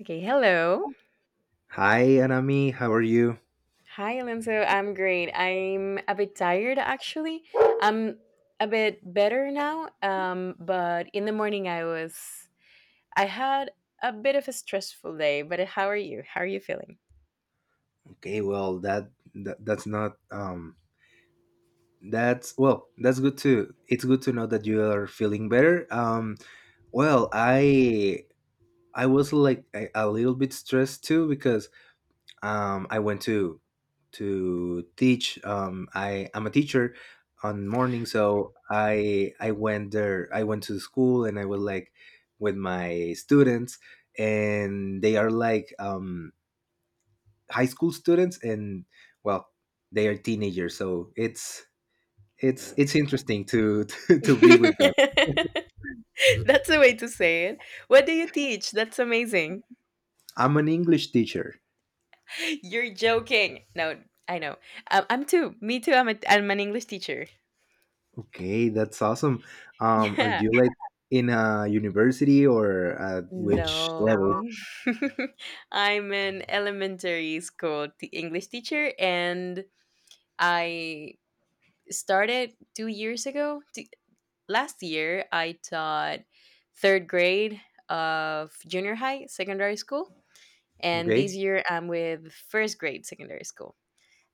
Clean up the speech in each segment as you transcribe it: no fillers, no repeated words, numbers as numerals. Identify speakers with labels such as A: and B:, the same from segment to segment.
A: Okay, hello.
B: Hi, Anami. How are you?
A: Hi, Alonso. I'm great. I'm a bit tired actually. I'm a bit better now. But in the morning I was I had a bit of a stressful day, but how are you? How are you feeling?
B: Okay, that's not, that's, well, that's good too. It's good to know that you are feeling better. Well, I was like a little bit stressed too because I went to teach. I'm a teacher on morning, so I went there. I went to the school and I was like with my students, and they are like high school students. And well, they are teenagers, so it's interesting to to, to be with them.
A: That's the way to say it. What do you teach? That's amazing.
B: I'm an English teacher.
A: You're joking. No, I know. I'm too. Me too. I'm an English teacher.
B: Okay, that's awesome. Are
A: Yeah.
B: you like in a university, or at which level?
A: No. I'm an elementary school, the English teacher, and I started 2 years ago. Last year, I taught third grade of junior high, secondary school, and this
B: Okay,
A: year I'm with first grade, secondary school.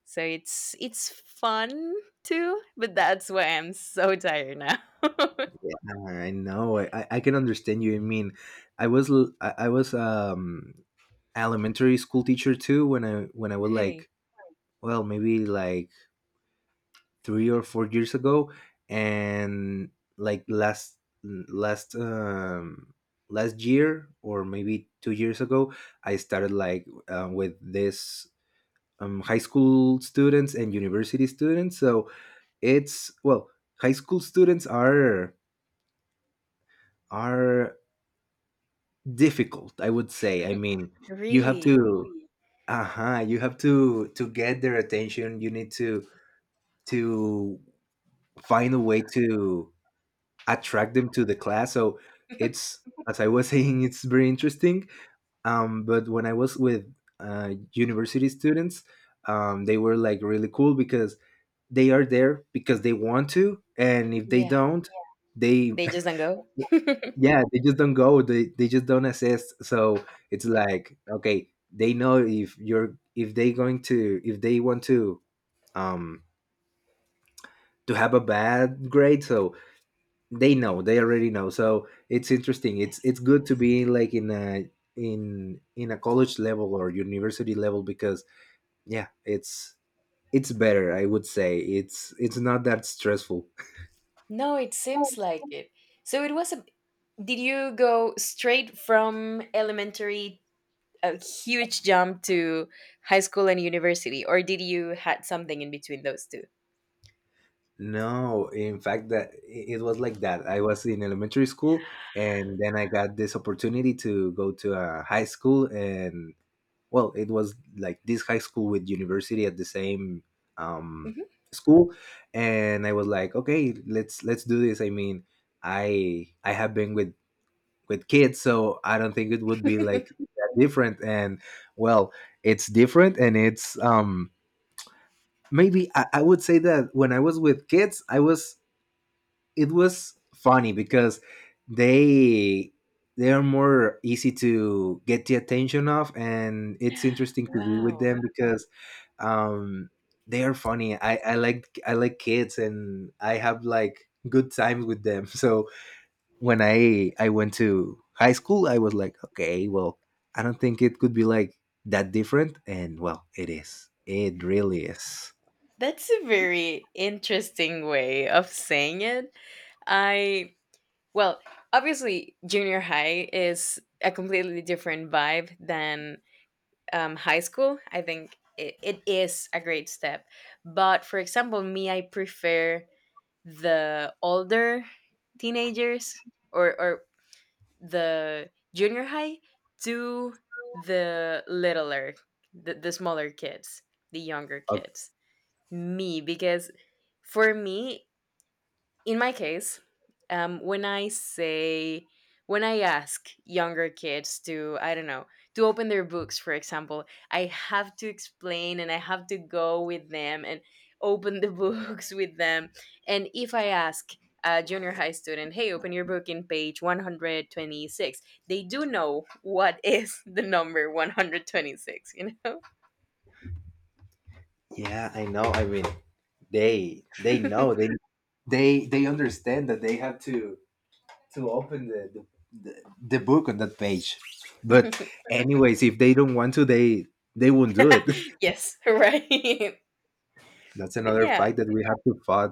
A: So it's fun too, but that's why I'm so tired now.
B: yeah, I know. I can understand you. I mean, I was elementary school teacher too when I was
A: Really,
B: like, well, maybe like 3 or 4 years ago. And like last um, last year, or maybe 2 years ago, I started like with this high school students and university students. So it's, well, high school students are difficult, I would say. I mean, you have
A: really.
B: to uh-huh you have to get their attention. You need to find a way to attract them to the class. So it's, as I was saying, it's very interesting. But when I was with university students, they were like really cool because they are there because they want to, and if they
A: Yeah.
B: don't, they
A: They just don't go.
B: yeah, they just don't go. They just don't assist. So it's like, okay, they know if you're if they going to if they want to um have a bad grade. So they know, they already know. So it's interesting, it's good to be like in a in a college level or university level, because yeah, it's better, I would say. It's not that stressful.
A: No, it seems like it. So it was a. Did you go straight from elementary, a huge jump to high school and university, or did you had something in between those two?
B: No, in fact that it was like that. I was in elementary school, and then I got this opportunity to go to a high school. And well, it was like this high school with university at the same um
A: Mhm.
B: school. And I was like, okay, let's do this. I mean, I have been with kids, so I don't think it would be like that different. And well, it's different. And it's maybe I would say that when I was with kids, I was, it was funny because they they are more easy to get the attention of. And it's interesting to be with
A: Wow,
B: them because um they are funny. I like kids, and I have like good times with them. So when I went to high school, I was like, okay, well, I don't think it could be like that different. And well, it is, it really is.
A: that's a very interesting way of saying it. I Well, obviously, junior high is a completely different vibe than high school. I think it is a great step. But for example, me, I prefer the older teenagers or the junior high to the littler, the smaller kids, the younger kids. Me, because for me, in my case, um, when I say, when I ask younger kids to, I don't know, to open their books, for example, I have to explain and I have to go with them and open the books with them. And if I ask a junior high student, hey, open your book in page 126. They do know what is the number 126, you know?
B: Yeah, I know. I mean, they know, they understand that they have to open the, the book on that page. But anyways, if they don't want to, they won't do it.
A: Yes, right.
B: That's
A: But
B: another
A: yeah,
B: fight that we have to fight.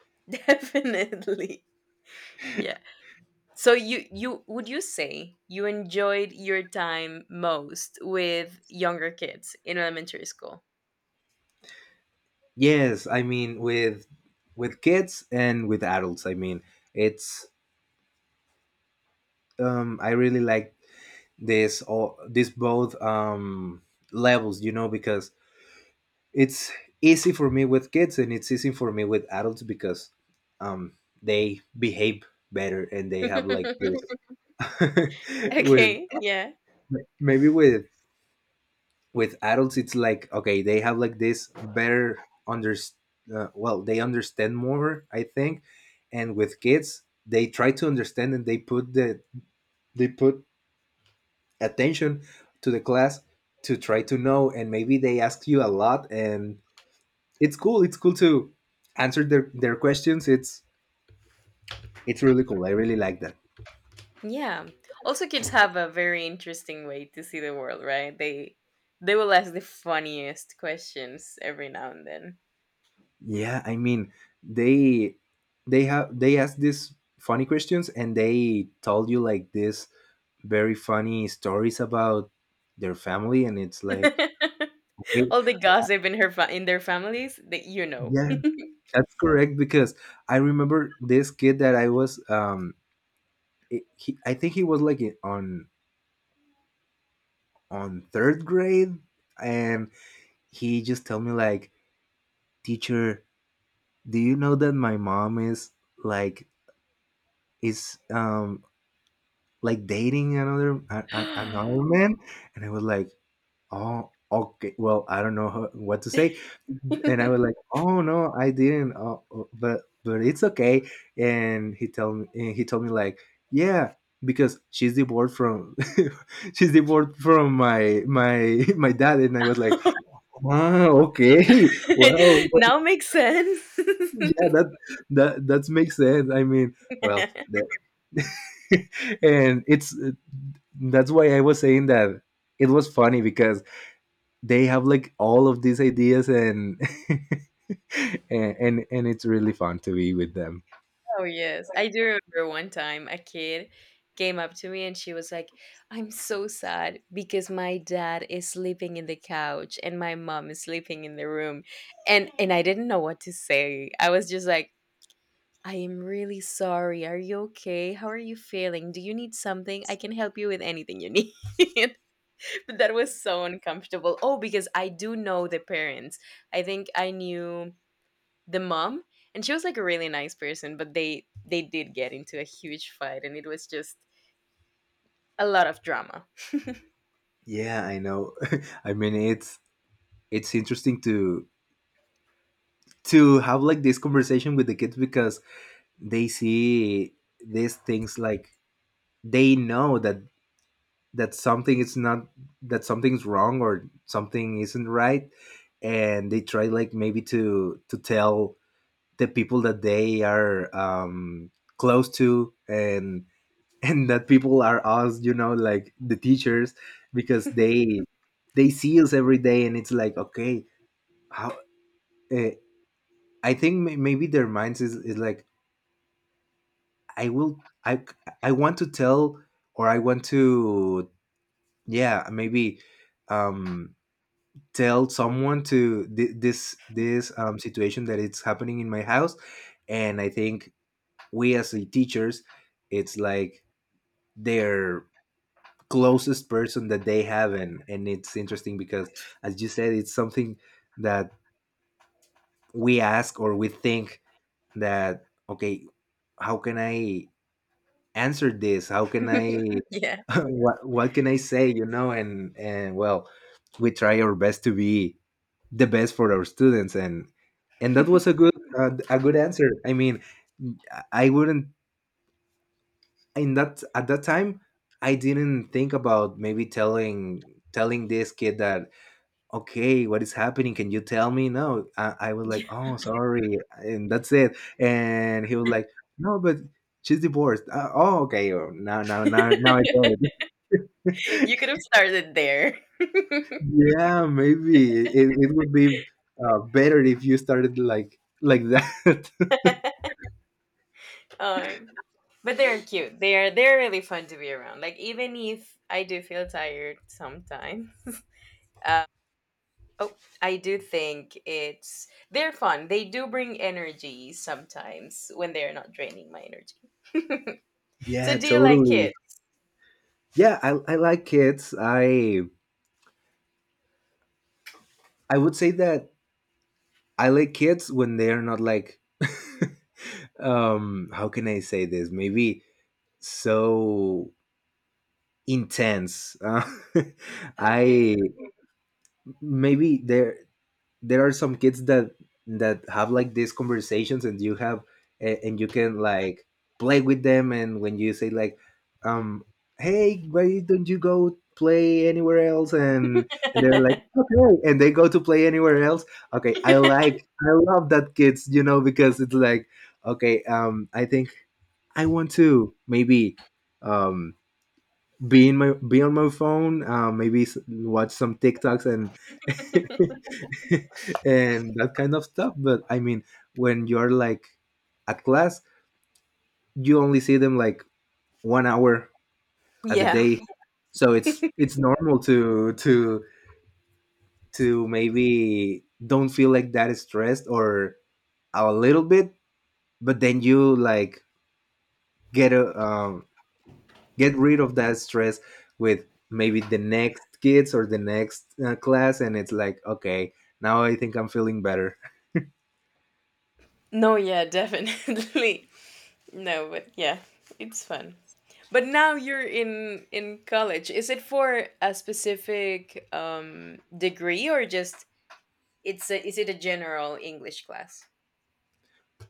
A: definitely. Yeah. So you would you say you enjoyed your time most with younger kids in elementary school?
B: Yes, I mean, with kids and with adults. I mean, it's I really like this all these both levels, you know, because it's easy for me with kids and it's easy for me with adults because um, they behave better, and they have like this with,
A: Okay, yeah.
B: maybe with adults it's like, okay, they have like this better under, well, they understand more, I think. And with kids, they try to understand, and they put the they put attention to the class, to try to know. And maybe they ask you a lot, and it's cool. It's cool to answer their questions. It's really cool. I really like that.
A: Yeah. Also kids have a very interesting way to see the world, right? They will ask the funniest questions every now and then.
B: Yeah, I mean, they they ask these funny questions, and they told you like this very funny stories about their family. And it's like, okay,
A: All the gossip in her in their families that you know.
B: yeah, that's correct, because I remember this kid that I was I think he was like on third grade. And he just told me like, teacher, do you know that my mom is like, is like dating another, another man? And I was like, oh, okay. Well, I don't know how, what to say. And I was like, oh no, I didn't. Oh, oh, but it's okay. And he told me, and he told me like, yeah, because she's divorced from she's divorced from my my dad. And I was like, oh, okay. Wow,
A: Now makes sense.
B: yeah, that makes sense. I mean, well, and it's, that's why I was saying that it was funny, because they have like all of these ideas, and and it's really fun to be with them.
A: Oh yes, I do remember one time a kid came up to me and she was like, "I'm so sad because my dad is sleeping in the couch and my mom is sleeping in the room." And I didn't know what to say. I was just like, "I am really sorry. Are you okay? How are you feeling? Do you need something? I can help you with anything you need." But that was so uncomfortable. Oh, because I do know the parents. I think I knew the mom, and she was like a really nice person, but they did get into a huge fight and it was just a lot of drama.
B: Yeah, I know. I mean, it's interesting to have like this conversation with the kids, because they see these things like, they know that, that something is not, that something's wrong or something isn't right. And they try like maybe to tell the people that they are close to. And and that people are us, you know, like the teachers. Because they see us every day. And it's like, okay, how, uh, I think maybe their minds is like, I will I want to tell or I want to, yeah, maybe um tell someone to this situation that it's happening in my house. And I think we, as the teachers, it's like their closest person that they have. And it's interesting because, as you said, it's something that we ask, or we think that, okay, how can I answer this? How can I
A: Yeah,
B: what can I say, you know? And well, we try our best to be the best for our students. And that was a good, a good answer. I mean, I wouldn't, in that at that time, I didn't think about maybe telling this kid that, okay, what is happening, can you tell me? No, I was
A: yeah.
B: like, oh sorry, and that's it. And he was like, no, but she's divorced, oh okay. Oh, now I get it.
A: You could have started there.
B: Yeah, maybe it would be better if you started like that.
A: um, but they're cute, they are, they're really fun to be around, like even if I do feel tired sometimes. uh, oh, I do think it's they're fun, they do bring energy sometimes when they're not draining my energy.
B: Yeah,
A: So do you like it?
B: totally. Yeah, I like kids. I would say that I like kids when they're not like how can I say this? Maybe so intense.
A: Okay.
B: I maybe they're, there are some kids that that have like these conversations, and you have and you can like play with them. And when you say like, um hey, why don't you go play anywhere else? And they're like, okay, and they go to play anywhere else. Okay, I like, I love that kids, you know? Because it's like, okay, I think I want to, maybe um be in my be on my phone, maybe watch some TikToks, and and that kind of stuff. But I mean, when you're like at class, you only see them like one hour at the
A: Yeah.
B: day. So it's normal to maybe don't feel like that stressed, or a little bit. But then you like get a, get rid of that stress with maybe the next kids or the next class. And it's like, okay, now I think I'm feeling better.
A: No, yeah, definitely. No, but yeah, it's fun. But now you're in college. Is it for a specific degree or just is it a general English class?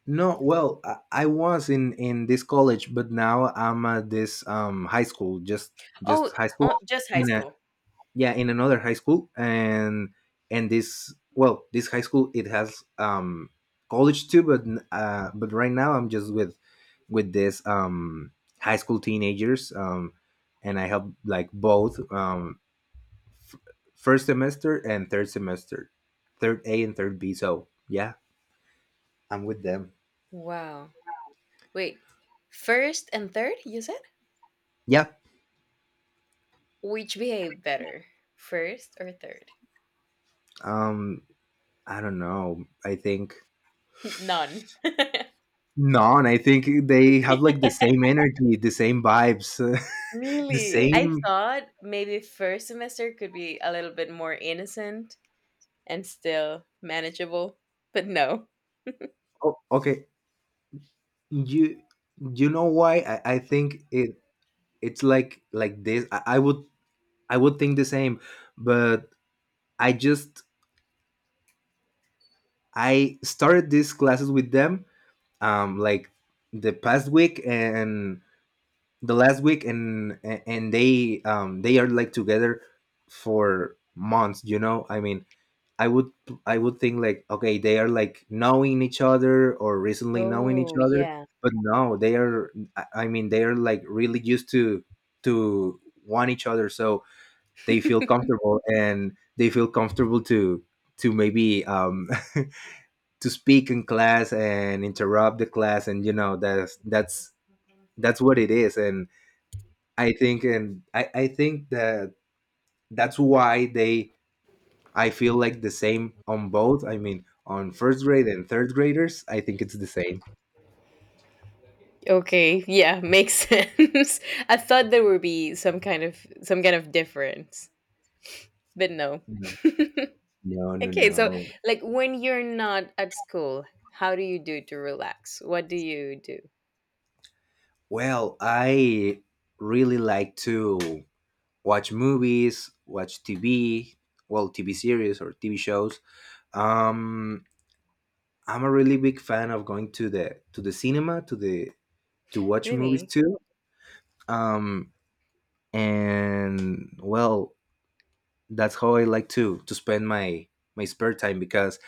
B: No, well, I was in this college, but now I'm at this high school,
A: Oh,
B: just high school
A: just high
B: in a,
A: school.
B: yeah, in another high school. And this, well, this high school, it has college too. But but right now I'm just with this high school teenagers. And I help like both f- first semester and third semester, third A and third B. So yeah, I'm with them.
A: Wow. Wait. First and third, you said?
B: Yeah.
A: Which behave better? First or third?
B: Um, I don't know. I think,
A: None.
B: no, and I think they have like the same energy, the same vibes. The
A: Really? I
B: same.
A: thought maybe first semester could be a little bit more innocent and still manageable. But no.
B: Oh okay, you you know why? I think it's like this. I would think the same. But I just I started these classes with them like the past week and the last week. And they are like together for months. I mean, I would, I would think like, okay, they are like knowing each other or recently knowing each
A: Oh,
B: other,
A: yeah.
B: but no, they are, I mean they are like really used to to want each other, so they feel comfortable, and they feel comfortable to maybe, to speak in class and interrupt the class, and that's what it is. And I think, and I think that that's why they... I feel like the same on both. I mean, on first grade and third graders, I think it's the same.
A: Okay, yeah, makes sense. I thought there would be some kind of difference, but no.
B: No, no, no,
A: Okay, so
B: no.
A: like when you're not at school, how do you do to relax? What do you do?
B: Well, I really like to watch movies, watch TV, well, TV series or TV shows. Um, I'm a really big fan of going to the cinema, to watch movies
A: Really?
B: too. Um, and, well, that's how I like to spend my spare time, because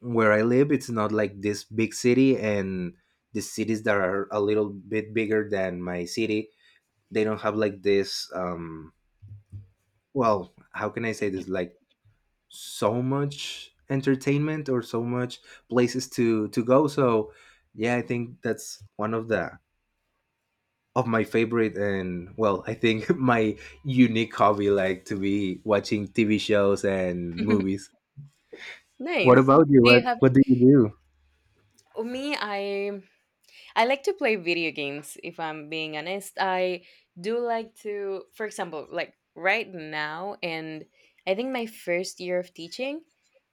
B: where I live it's not like this big city, and the cities that are a little bit bigger than my city, they don't have like this, well, how can I say this, like, so much entertainment or so much places to go. So, yeah, I think that's one of the, of my favorite, and well, I think my unique hobby, like to be watching TV shows and movies. What
A: Nice.
B: about you?
A: Do
B: What
A: you have
B: what do you do?
A: oh, me I like to play video games, if I'm being honest. I do like to, for example, like right now, and I think my first year of teaching,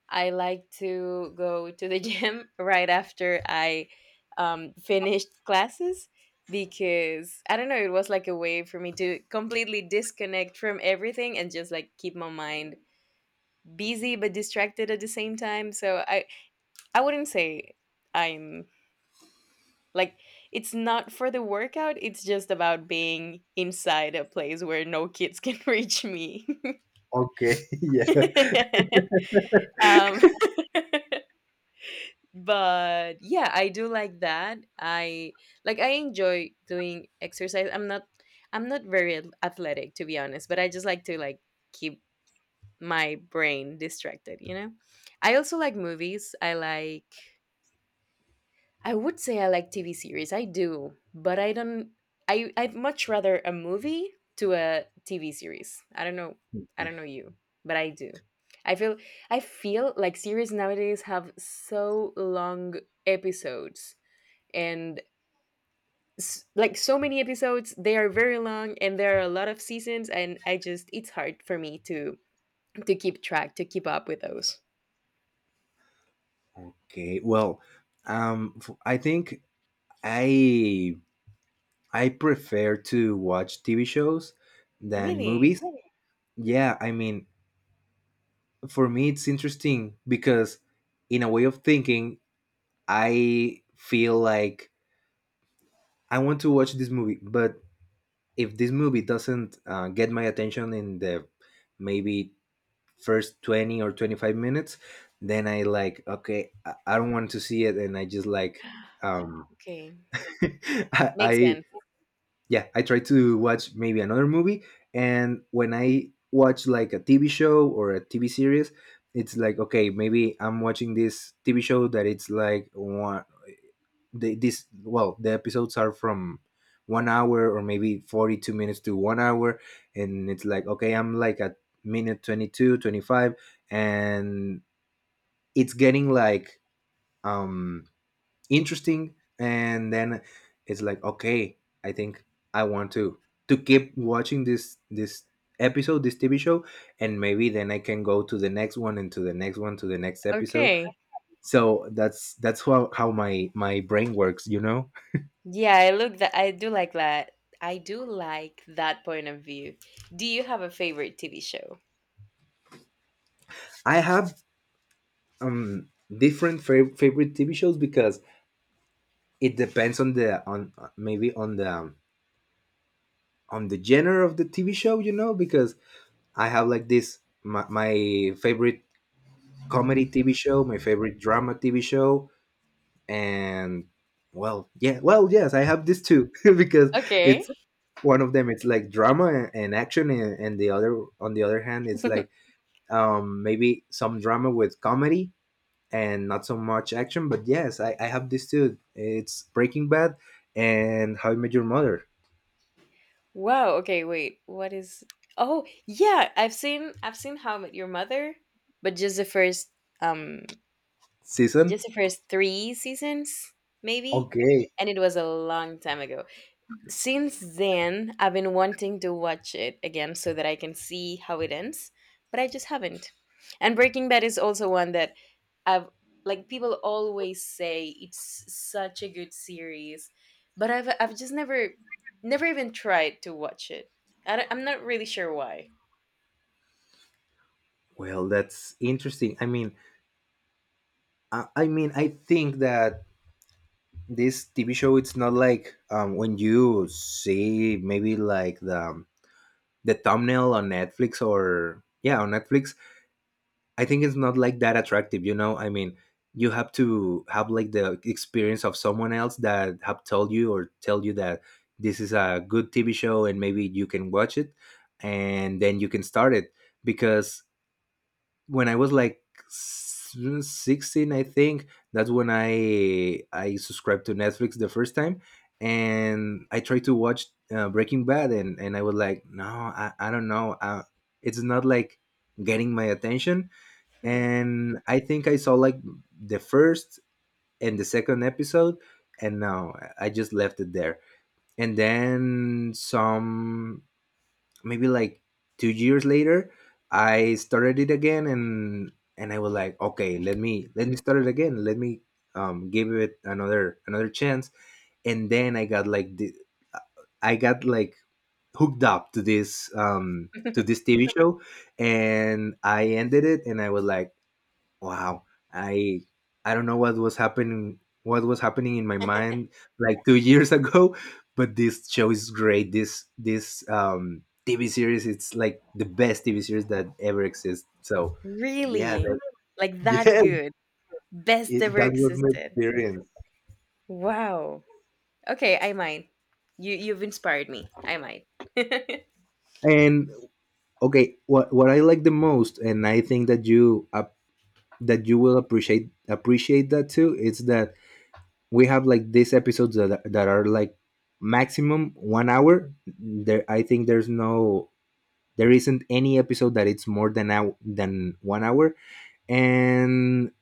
A: I like to go to the gym right after I finished classes because I don't know, it was like a way for me to completely disconnect from everything and just like keep my mind busy but distracted at the same time. So I wouldn't say. I'm like it's not for the workout, it's just about being inside a place where no kids can reach me.
B: Okay, yeah.
A: um but yeah, I do like that. I like I enjoy doing exercise. I'm not very athletic to be honest, but I just like to like keep my brain distracted, you know? I also like movies. I like I would say I like TV series. I do, but I don't. I I'd much rather a movie to a TV series. I don't know. I don't know you, but I do. I feel I feel like series nowadays have so long episodes and like so many episodes. They are very long, and there are a lot of seasons, and I just it's hard for me to keep track to keep up with those.
B: Okay. Well, I think I I prefer to watch TV shows than
A: Really?
B: movies. Yeah, I mean, for me, it's interesting because, in a way of thinking, I feel like I want to watch this movie, but if this movie doesn't get my attention in the, maybe, first 20 or 25 minutes, then I like, okay, I don't want to see it, and I just like, um
A: Okay, makes
B: I
A: sense.
B: yeah, I try to watch maybe another movie, and when I watch like a TV show or a TV series, it's like, okay, maybe I'm watching this TV show that it's like this, well, the episodes are from 1 hour or maybe 42 minutes to 1 hour, and it's like, okay, I'm like at minute 22, 25, and it's getting like, um interesting, and then it's like, okay, I think I want to keep watching this episode, this TV show, and maybe then I can go to the next one, and to the next one, to the next episode.
A: Okay.
B: So that's how, my brain works.
A: Yeah, I look that I do like that. I do like that point of view. Do you have a favorite TV show?
B: I have, um different favorite TV shows, because it depends on the on maybe on the genre of the TV show, because I have like this, my favorite comedy TV show, my favorite drama TV show, and well, yeah, well, yes, I have this too because
A: Okay.
B: it's one of them, it's like drama and action, and the other, on the other hand, it's like, maybe some drama with comedy and not so much action, but yes, I have this too. It's Breaking Bad and How I Met Your Mother.
A: Wow, okay, wait. What is Oh, yeah, I've seen How I Met Your Mother, but um just
B: Season.
A: the first 3 seasons maybe,
B: Okay,
A: and it was a long time ago. Since then I've been wanting to watch it again so that I can see how it ends, but I just haven't. And Breaking Bad is also one that I've like people always say it's such a good series, but I've just never never even tried to watch it. I'm not really sure why.
B: well, that's interesting. I mean, I think that this TV show, it's not like, when you see maybe like the, the thumbnail on Netflix or, yeah, on Netflix. I think it's not like that attractive. I mean, you have to have like the experience of someone else that have told you or tell you that this is a good TV show, and maybe you can watch it, and then you can start it. Because when I was like 16, I think that's when I subscribed to Netflix the first time, and I tried to watch, Breaking Bad, and I was like, no, I don't know, it's not like getting my attention, and I think I saw like the first and the second episode, and now I just left it there, and then some, maybe like 2 years later, I started it again, and I was like, okay, let me, start it again, let me, give it another chance. And then I got like I got like hooked up to this um to this TV show, and I ended it and I was like, wow. I I don't know what was happening, in my mind like 2 years ago, but this show is great. This TV series, it's like the best TV series that ever exists. So, yeah,
A: Really? Like that
B: yeah,
A: good. Best ever
B: that was my
A: existed.
B: experience.
A: Wow. Okay, I might. You've inspired me. I might.
B: And, okay, what I like the most, and I think that you will appreciate that too, is that we have like these episodes that are like maximum 1 hour. There, I think there's no, there isn't any episode that it's more than 1 hour. And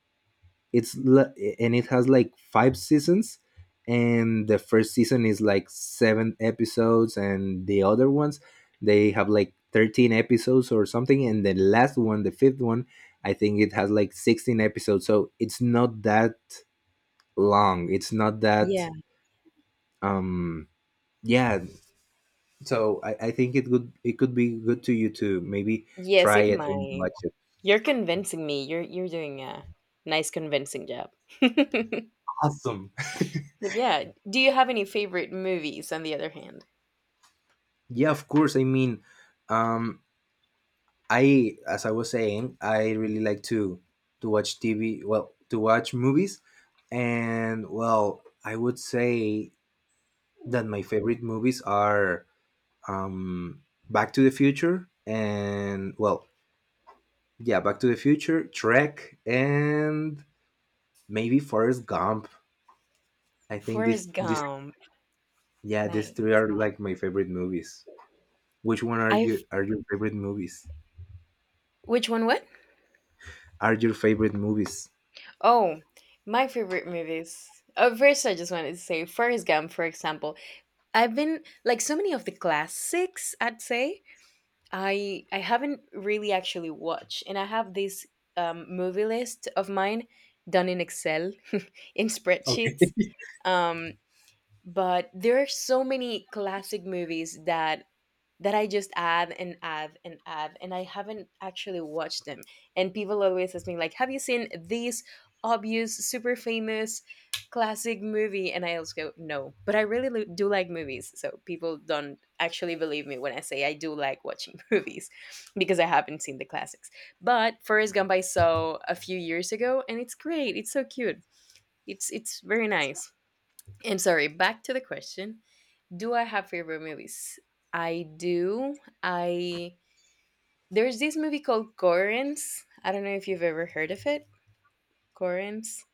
B: it's it has like five seasons. And the first season is like seven episodes, and the other ones, they have like 13 episodes or something. And the last one, the fifth one, I think it has like 16 episodes, so it's not that long, it's not that,
A: Yeah.
B: um yeah. So I think it would, it could be good to you, to maybe
A: Yes,
B: try
A: it
B: it and
A: might.
B: watch it.
A: You're convincing me. You're doing a nice convincing job.
B: Awesome.
A: But yeah, do you have any favorite movies on the other hand?
B: Yeah, of course. I mean, um I as I was saying, I really like to watch TV, well, to watch movies. And, well, I would say that my favorite movies are, um Back to the Future, and, well, yeah, Back to the Future Trek, and maybe Forrest Gump. I think this
A: Forrest
B: this
A: Gump.
B: Yeah, these
A: Nice.
B: three are like my favorite movies. Which one are
A: I've
B: you are your favorite movies?
A: which one what?
B: Are your favorite movies?
A: Oh, my favorite movies. Oh, first I just wanted to say Forrest Gump, for example. I've been like so many of the classics, I'd say. I haven't really actually watched, and I have this movie list of mine done in Excel in
B: Okay.
A: spreadsheets um but there are so many classic movies that I just add and add and add and I haven't actually watched them. And people always ask me like have you seen this obvious super famous classic movie, and I also go no, but I really do like movies, so people don't actually believe me when I say I do like watching movies because I haven't seen the classics. But Forrest Gump I saw a few years ago and it's great, it's so cute, it's very nice. I'm sorry, back to the question. Do I have favorite movies? I do. I there's this movie called Corrents. I don't know if you've ever heard of it. Corrents.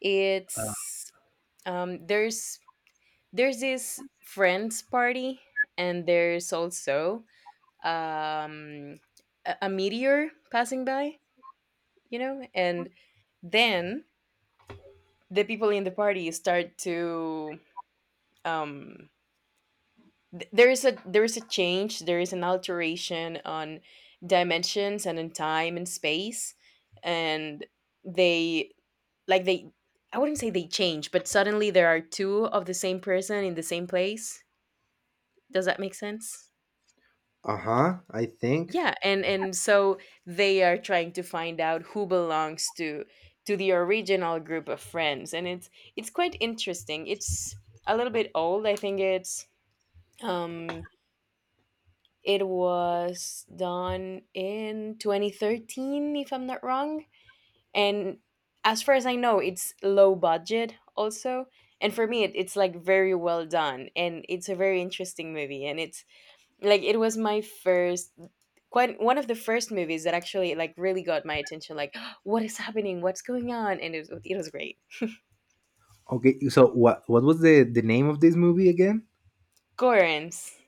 A: It's um there's there's this friends party and there's also um a meteor passing by, you know, and then the people in the party start to um there is a change there is an alteration on dimensions and in time and space, and they like they I wouldn't say they change, but suddenly there are two of the same person in the same place. Does that make sense?
B: Uh-huh, I think.
A: Yeah, and so they are trying to find out who belongs to the original group of friends, and it's quite interesting. It's A little bit old. I think it's um it was done in 2013, if I'm not wrong. And as far as I know, it's low budget also. And for me, it's like very well done. And it's a very interesting movie. And it's like, it was my first, quite one of the first movies that actually like really got my attention. Like, what is happening? What's going on? And it was great.
B: Okay, so what was the name of this movie again?
A: Gorens.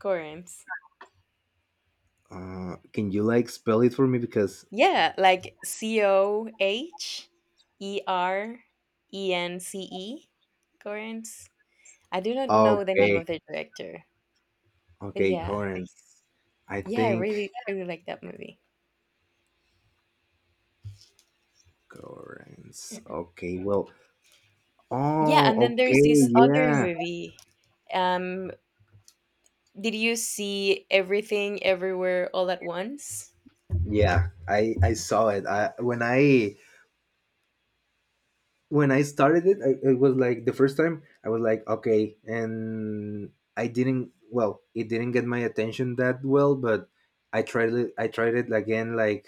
A: Gorens.
B: Can you like spell it for me? Because...
A: Yeah, like Coherence, Corinth. I do not know the name
B: okay,
A: of the director, but
B: okay,
A: yeah,
B: Correns. I
A: yeah, I
B: think
A: really, really like that movie.
B: Correns. Okay, well,
A: Yeah,
B: oh,
A: and then there's
B: okay,
A: this other
B: yeah.
A: movie. Um, did you see Everything Everywhere All at Once?
B: Yeah, I saw it. I when I when I started it, it was like the first time I was like, okay, and I didn't. Well, it didn't get my attention that well, but I tried it. I tried it again, like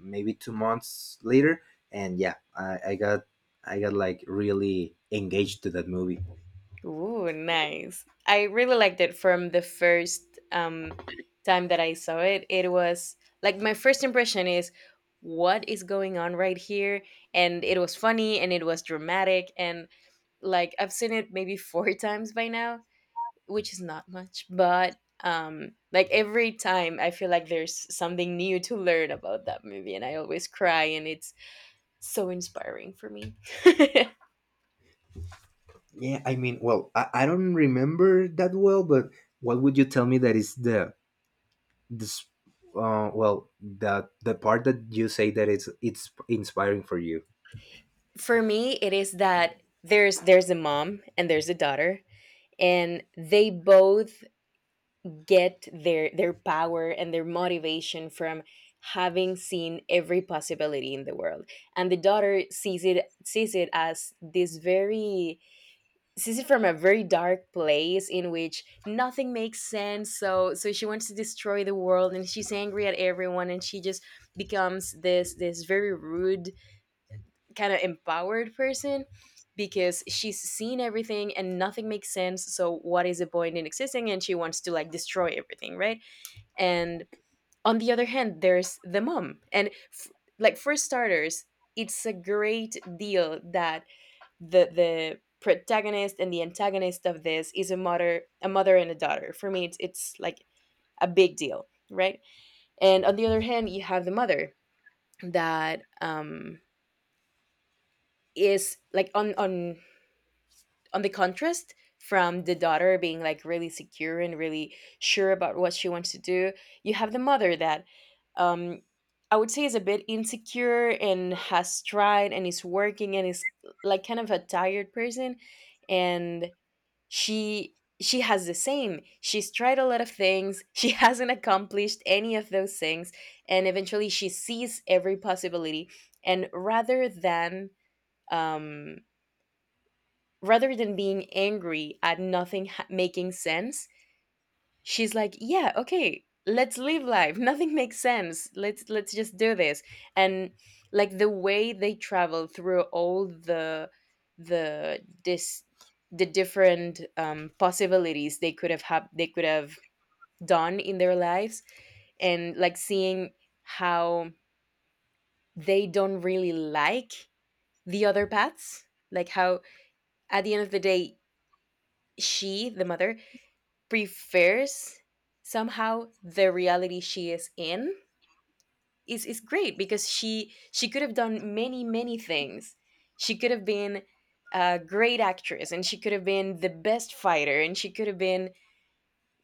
B: maybe 2 months later, and yeah, I got like really engaged to that movie.
A: Ooh, nice. I really liked it from the first time that I saw it. It was like my first impression is what is going on right here? And it was funny and it was dramatic and like I've seen it maybe four times by now, which is not much, but like every time I feel like there's something new to learn about that movie and I always cry and it's so inspiring for me.
B: Yeah, I mean, well, I don't remember that well, but what would you tell me that is this, well, the part that you say that it's inspiring for you?
A: For me it is that there's a mom and there's a daughter, and they both get their power and their motivation from having seen every possibility in the world. And the daughter sees it from a very dark place in which nothing makes sense, so she wants to destroy the world and she's angry at everyone, and she just becomes this very rude, kind of empowered person because she's seen everything and nothing makes sense. So what is the point in existing? And she wants to like destroy everything, right? And on the other hand, there's the mom, and like for starters, it's a great deal that the protagonist and the antagonist of this is a mother, a mother and a daughter. For me it's like a big deal, right? And on the other hand, you have the mother that is like on the contrast from the daughter, being like really secure and really sure about what she wants to do. You have the mother that um I would say is a bit insecure and has tried and is working and is like kind of a tired person. And she she has the same, she's tried a lot of things, she hasn't accomplished any of those things. And eventually she sees every possibility, and um rather than being angry at nothing ha- making sense, she's like yeah, okay, let's live life, nothing makes sense, let's just do this. And like the way they travel through all the this the different possibilities they they could have done in their lives. And like seeing how they don't really like the other paths, like how at the end of the day, she the mother prefers somehow the reality she is in is great, because she could have done many things. She could have been a great actress, and she could have been the best fighter, and she could have been,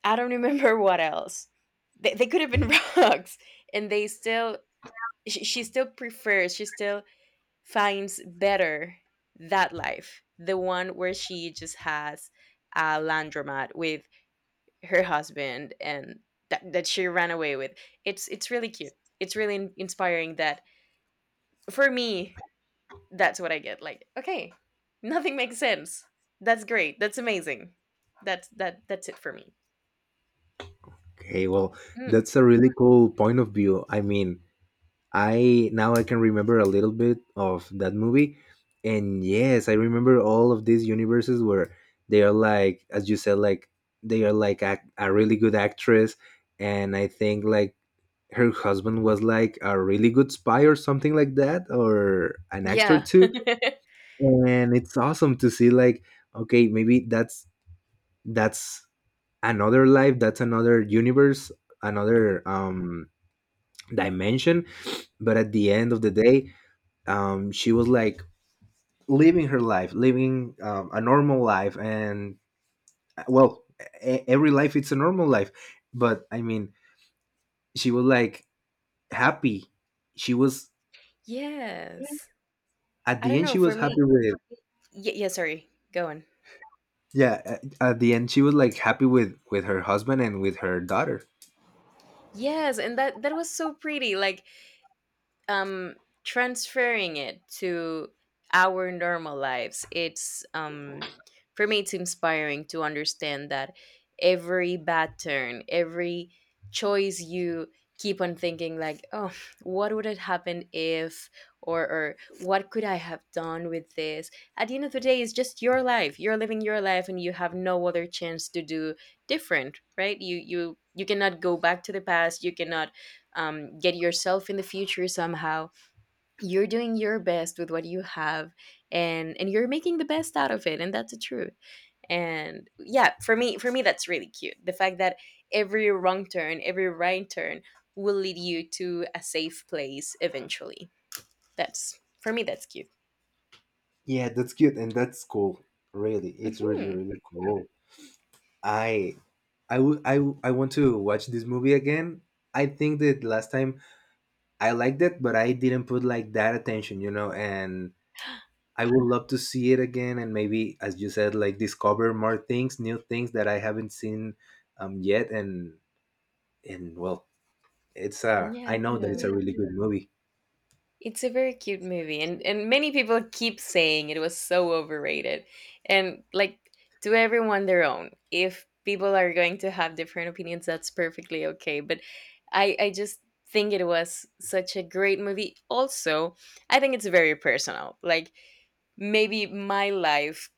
A: I don't remember what else. They could have been rocks, and they still she still prefers, she still finds better that life, the one where she just has a laundromat with her husband and that she ran away with. It's really cute, it's really inspiring that, for me, that's what I get. Like okay, nothing makes sense, that's great, that's amazing, that's that's it for me.
B: Okay, well,
A: Mm,
B: that's a really cool point of view. I mean, I now I can remember a little bit of that movie, and yes, I remember all of these universes where they are like, as you said, like they are like a really good actress, and I think like her husband was like a really good spy or something like that, or an actor
A: yeah.
B: too. And it's awesome to see like, okay, maybe that's another life, that's another universe, another, dimension, but at the end of the day, she was like living her life, living, a normal life. And, well, every life it's a normal life, but I mean, she was like happy, she was
A: Yes.
B: at
A: I
B: the
A: don't
B: end
A: know,
B: she
A: for
B: was
A: me.
B: happy with,
A: Yeah, yeah, sorry, go on.
B: yeah, at the end she was like happy with her husband and with her daughter.
A: Yes, and that that was so pretty. Like um transferring it to our normal lives, it's for me it's inspiring to understand that every bad turn, every choice, you keep on thinking like oh, what would have happened if, or what could I have done with this. At the end of the day, it's just your life, you're living your life, and you have no other chance to do different, right? You cannot go back to the past, you cannot get yourself in the future somehow. You're doing your best with what you have, and you're making the best out of it, and that's the truth. And yeah, for me, that's really cute, the fact that every wrong turn, every right turn will lead you to a safe place eventually. That's for me that's cute.
B: Yeah, that's cute and that's cool. Really, it's really,
A: Hmm.
B: really cool. I I would, I want to watch this movie again. I think that last time I liked it, but I didn't put like that attention, and I would love to see it again, and maybe, as you said, like discover more things, new things that I haven't seen, yet, and, well, it's a I
A: Yeah.
B: know that it's
A: No,
B: a really good movie.
A: it's a very cute movie, and many people keep saying it was so overrated. And like, to everyone their own. If people are going to have different opinions, that's perfectly okay. But I just think it was such a great movie. Also, I think it's very personal. Like maybe my life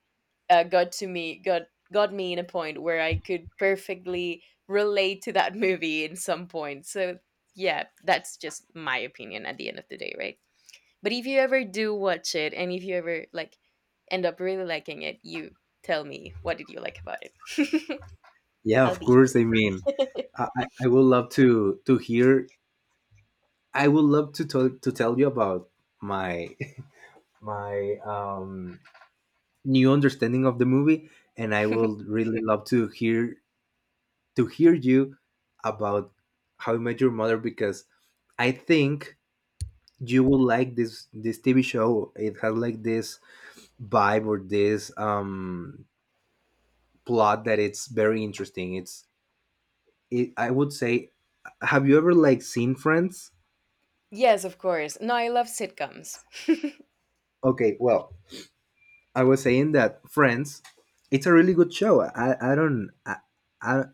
A: uh, got to me got got me in a point where I could perfectly relate to that movie in some point. So yeah, that's just my opinion at the end of the day, right? But if you ever do watch it, and if you ever like end up really liking it, you tell me what did you like about it.
B: Yeah,
A: I'll
B: of
A: be.
B: course. I mean, I would love to hear... I would love to tell you about my my new understanding of the movie, and I will really love to hear you about how you met your mother. Because I think you will like this TV show. It has like this vibe, or this, plot that it's very interesting, I would say... have you ever like seen Friends?
A: Yes, of course. No, I love sitcoms.
B: Okay, well, I was saying that Friends, it's a really good show. I don't... I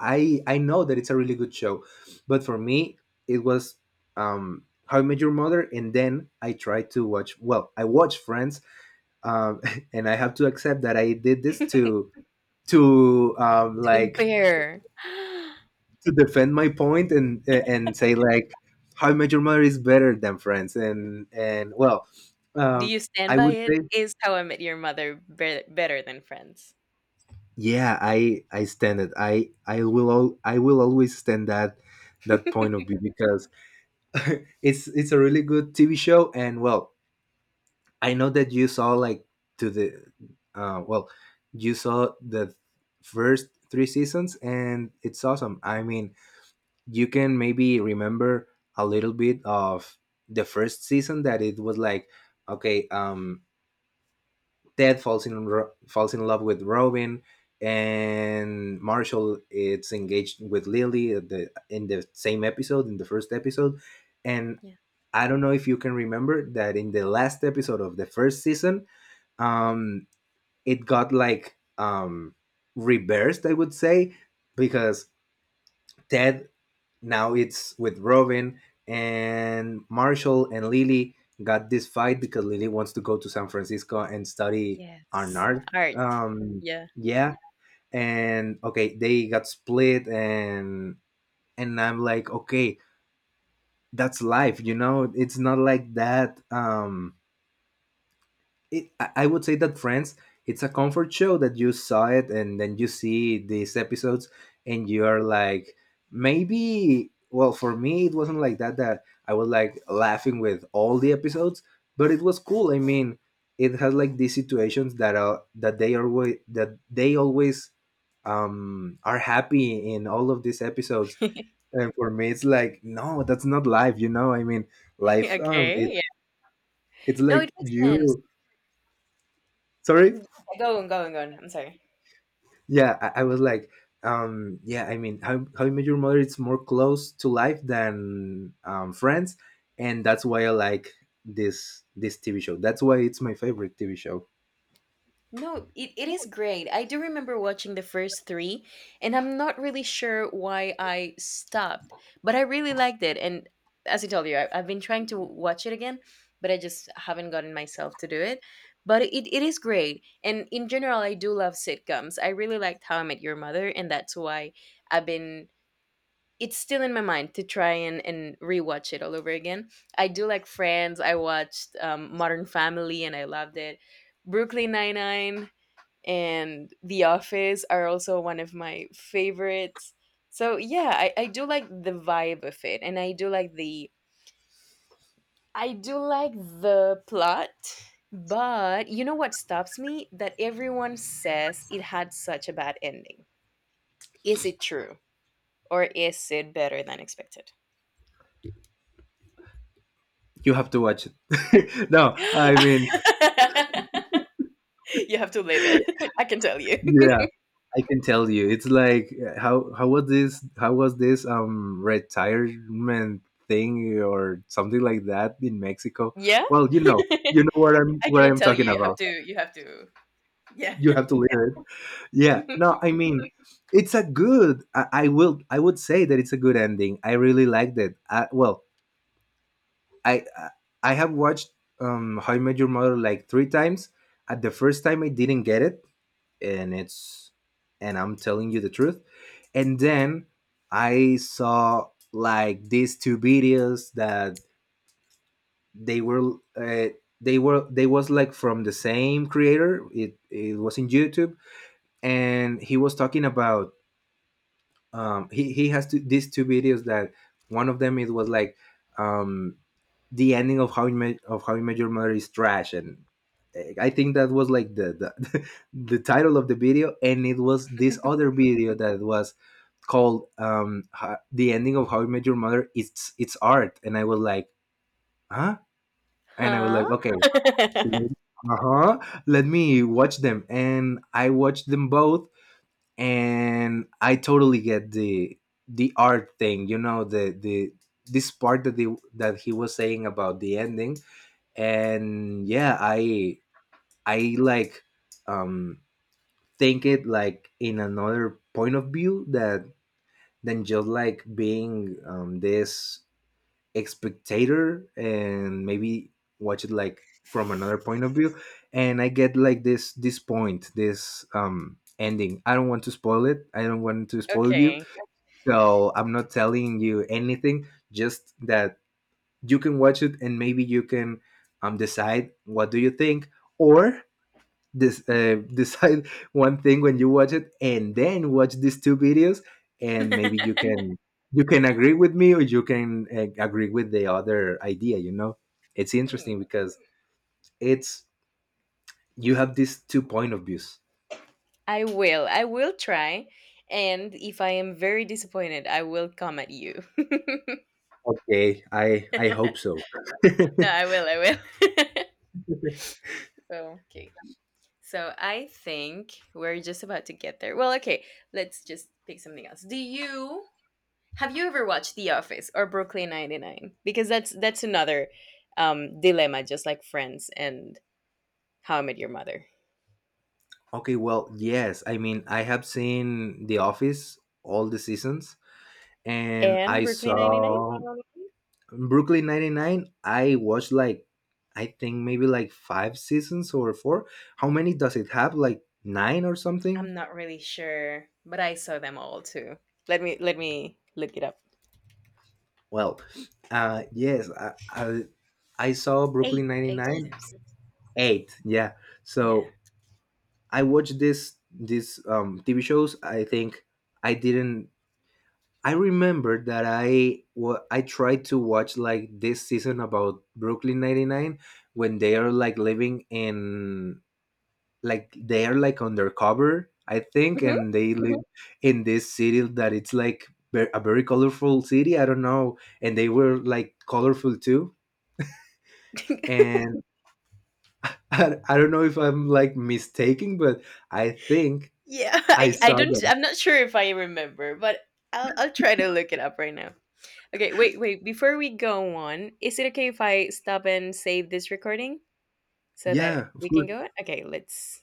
B: I know that it's a really good show, but for me it was, How I Met Your Mother, and then I tried to watch. Well, I watched Friends, um, and I have to accept that I did this to
A: To
B: like,
A: compare,
B: to defend my point, and say, like, How I Met Your Mother is better than Friends, and, well,
A: do
B: um,
A: you stand
B: I
A: by
B: would
A: it?
B: say,
A: Is How I Met Your Mother better than Friends?
B: yeah, I stand it. I will always stand that point of view, because it's a really good TV show, and well, I know that you saw like to the, well, you saw the first three seasons, and it's awesome. I mean, you can maybe remember a little bit of the first season that it was like, okay, Ted falls in love with Robin, and Marshall is engaged with Lily at in the same episode, in the first episode. And
A: Yeah.
B: I don't know if you can remember that in the last episode of the first season, um, it got like reversed, I would say, because Ted now it's with Robin and Marshall and Lily got this fight because Lily wants to go to San Francisco and study an
A: Yes.
B: art.
A: Art.
B: Um,
A: Yeah.
B: yeah, and okay, they got split, and I'm like, okay, that's life, you know. It's not like that. It, I would say that Friends, it's a comfort show that you saw it and then you see these episodes and you're like, maybe, well, for me, it wasn't like that, that I was like laughing with all the episodes, but it was cool. I mean, it has like these situations that they are always that they always are happy in all of these episodes and for me it's like no that's not life you know I mean life
A: Okay.
B: it,
A: Yeah.
B: it's
A: No, it
B: like
A: makes sense.
B: you sorry
A: Yeah, go on, I'm sorry.
B: yeah I was like yeah I mean how I met your mother it's more close to life than Friends and that's why I like this TV show that's why it's my favorite TV show.
A: No, it is great. I do remember watching the first three, and I'm not really sure why I stopped, but I really liked it. And as I told you, I've been trying to watch it again, but I just haven't gotten myself to do it. But it is great. And in general, I do love sitcoms. I really liked How I Met Your Mother, and that's why I've been. It's still in my mind to try and, rewatch it all over again. I do like Friends. I watched Modern Family, and I loved it. Brooklyn Nine Nine and The Office are also one of my favorites. So yeah, I do like the vibe of it, and I do like the plot, but you know what stops me? That everyone says it had such a bad ending. Is it true? Or is it better than expected?
B: You have to watch it no I mean
A: You have to live it. I can tell you.
B: yeah I can tell you it's like how was this retirement thing or something like that in Mexico.
A: Yeah?
B: Well you know
A: I
B: what
A: cannot
B: I'm
A: tell you.
B: talking
A: You have
B: about.
A: to you have to. Yeah.
B: You have to leave. Yeah, no I mean it's a good I will I would say that it's a good ending I really liked it well I I have watched how I met your mother like three times. At the first time I didn't get it, and it's, and I'm telling you the truth, and then I saw like these two videos that they were they was like from the same creator it was in YouTube and he was talking about he has to these two videos that one of them it was like um the ending of how you met your mother is trash and I think that was like the, the title of the video, and it was this other video that was called the ending of how you met your mother it's art, and I was like huh, and I was
A: Huh?
B: like okay, uh-huh, let me watch them, and I watched them both, and I totally get the art thing. You know the this part that the that he was saying about the ending, and yeah, I like um think it like in another point of view that than just like being this spectator, and maybe watch it like from another point of view, and I get like this point this ending. I don't want to spoil it, I don't want to spoil you,
A: Okay.
B: so I'm not telling you anything, just that you can watch it and maybe you can decide what do you think, or this decide one thing when you watch it, and then watch these two videos, and maybe you can agree with me, or you can agree with the other idea, you know. It's
A: Hmm.
B: interesting because it's you have these two point of views.
A: I will. I will try. And if I am very disappointed, I will come at you.
B: Okay I hope so.
A: No, I will. I will. Okay. So I think we're just about to get there. Well, okay. Let's just pick something else. Do you have you ever watched The Office or Brooklyn 99? Because that's another dilemma, just like Friends and How I Met Your Mother.
B: Okay, well, yes. I mean, I have seen The Office all the seasons, and
A: And
B: I
A: Brooklyn 99?
B: saw Brooklyn 99. I watched like, I think maybe like five seasons or four. How many does it have? Like nine or
A: I'm
B: something?
A: not really sure, but I saw them all too. Let me look it up.
B: Well, yes, I saw Brooklyn
A: Eight
B: 99,
A: times.
B: eight. Yeah.
A: Yeah.
B: So I watched this TV shows. I think I didn't I remember that I tried to watch like this season about Brooklyn 99 when they are like living in like they are like undercover I think
A: Hmm.
B: and they Mhm. live Mhm. in this city that it's like a very colorful city, I don't know, and they were like colorful too, and I don't know if I'm like mistaken, but I think
A: Yeah.
B: I
A: I
B: saw
A: don't,
B: them
A: I'm not sure if I remember, but I'll try to look it up right now. Okay, wait, wait. Before we go on, is it okay if I stop and save this recording so that
B: yeah of
A: we can go
B: course.
A: on? Okay, let's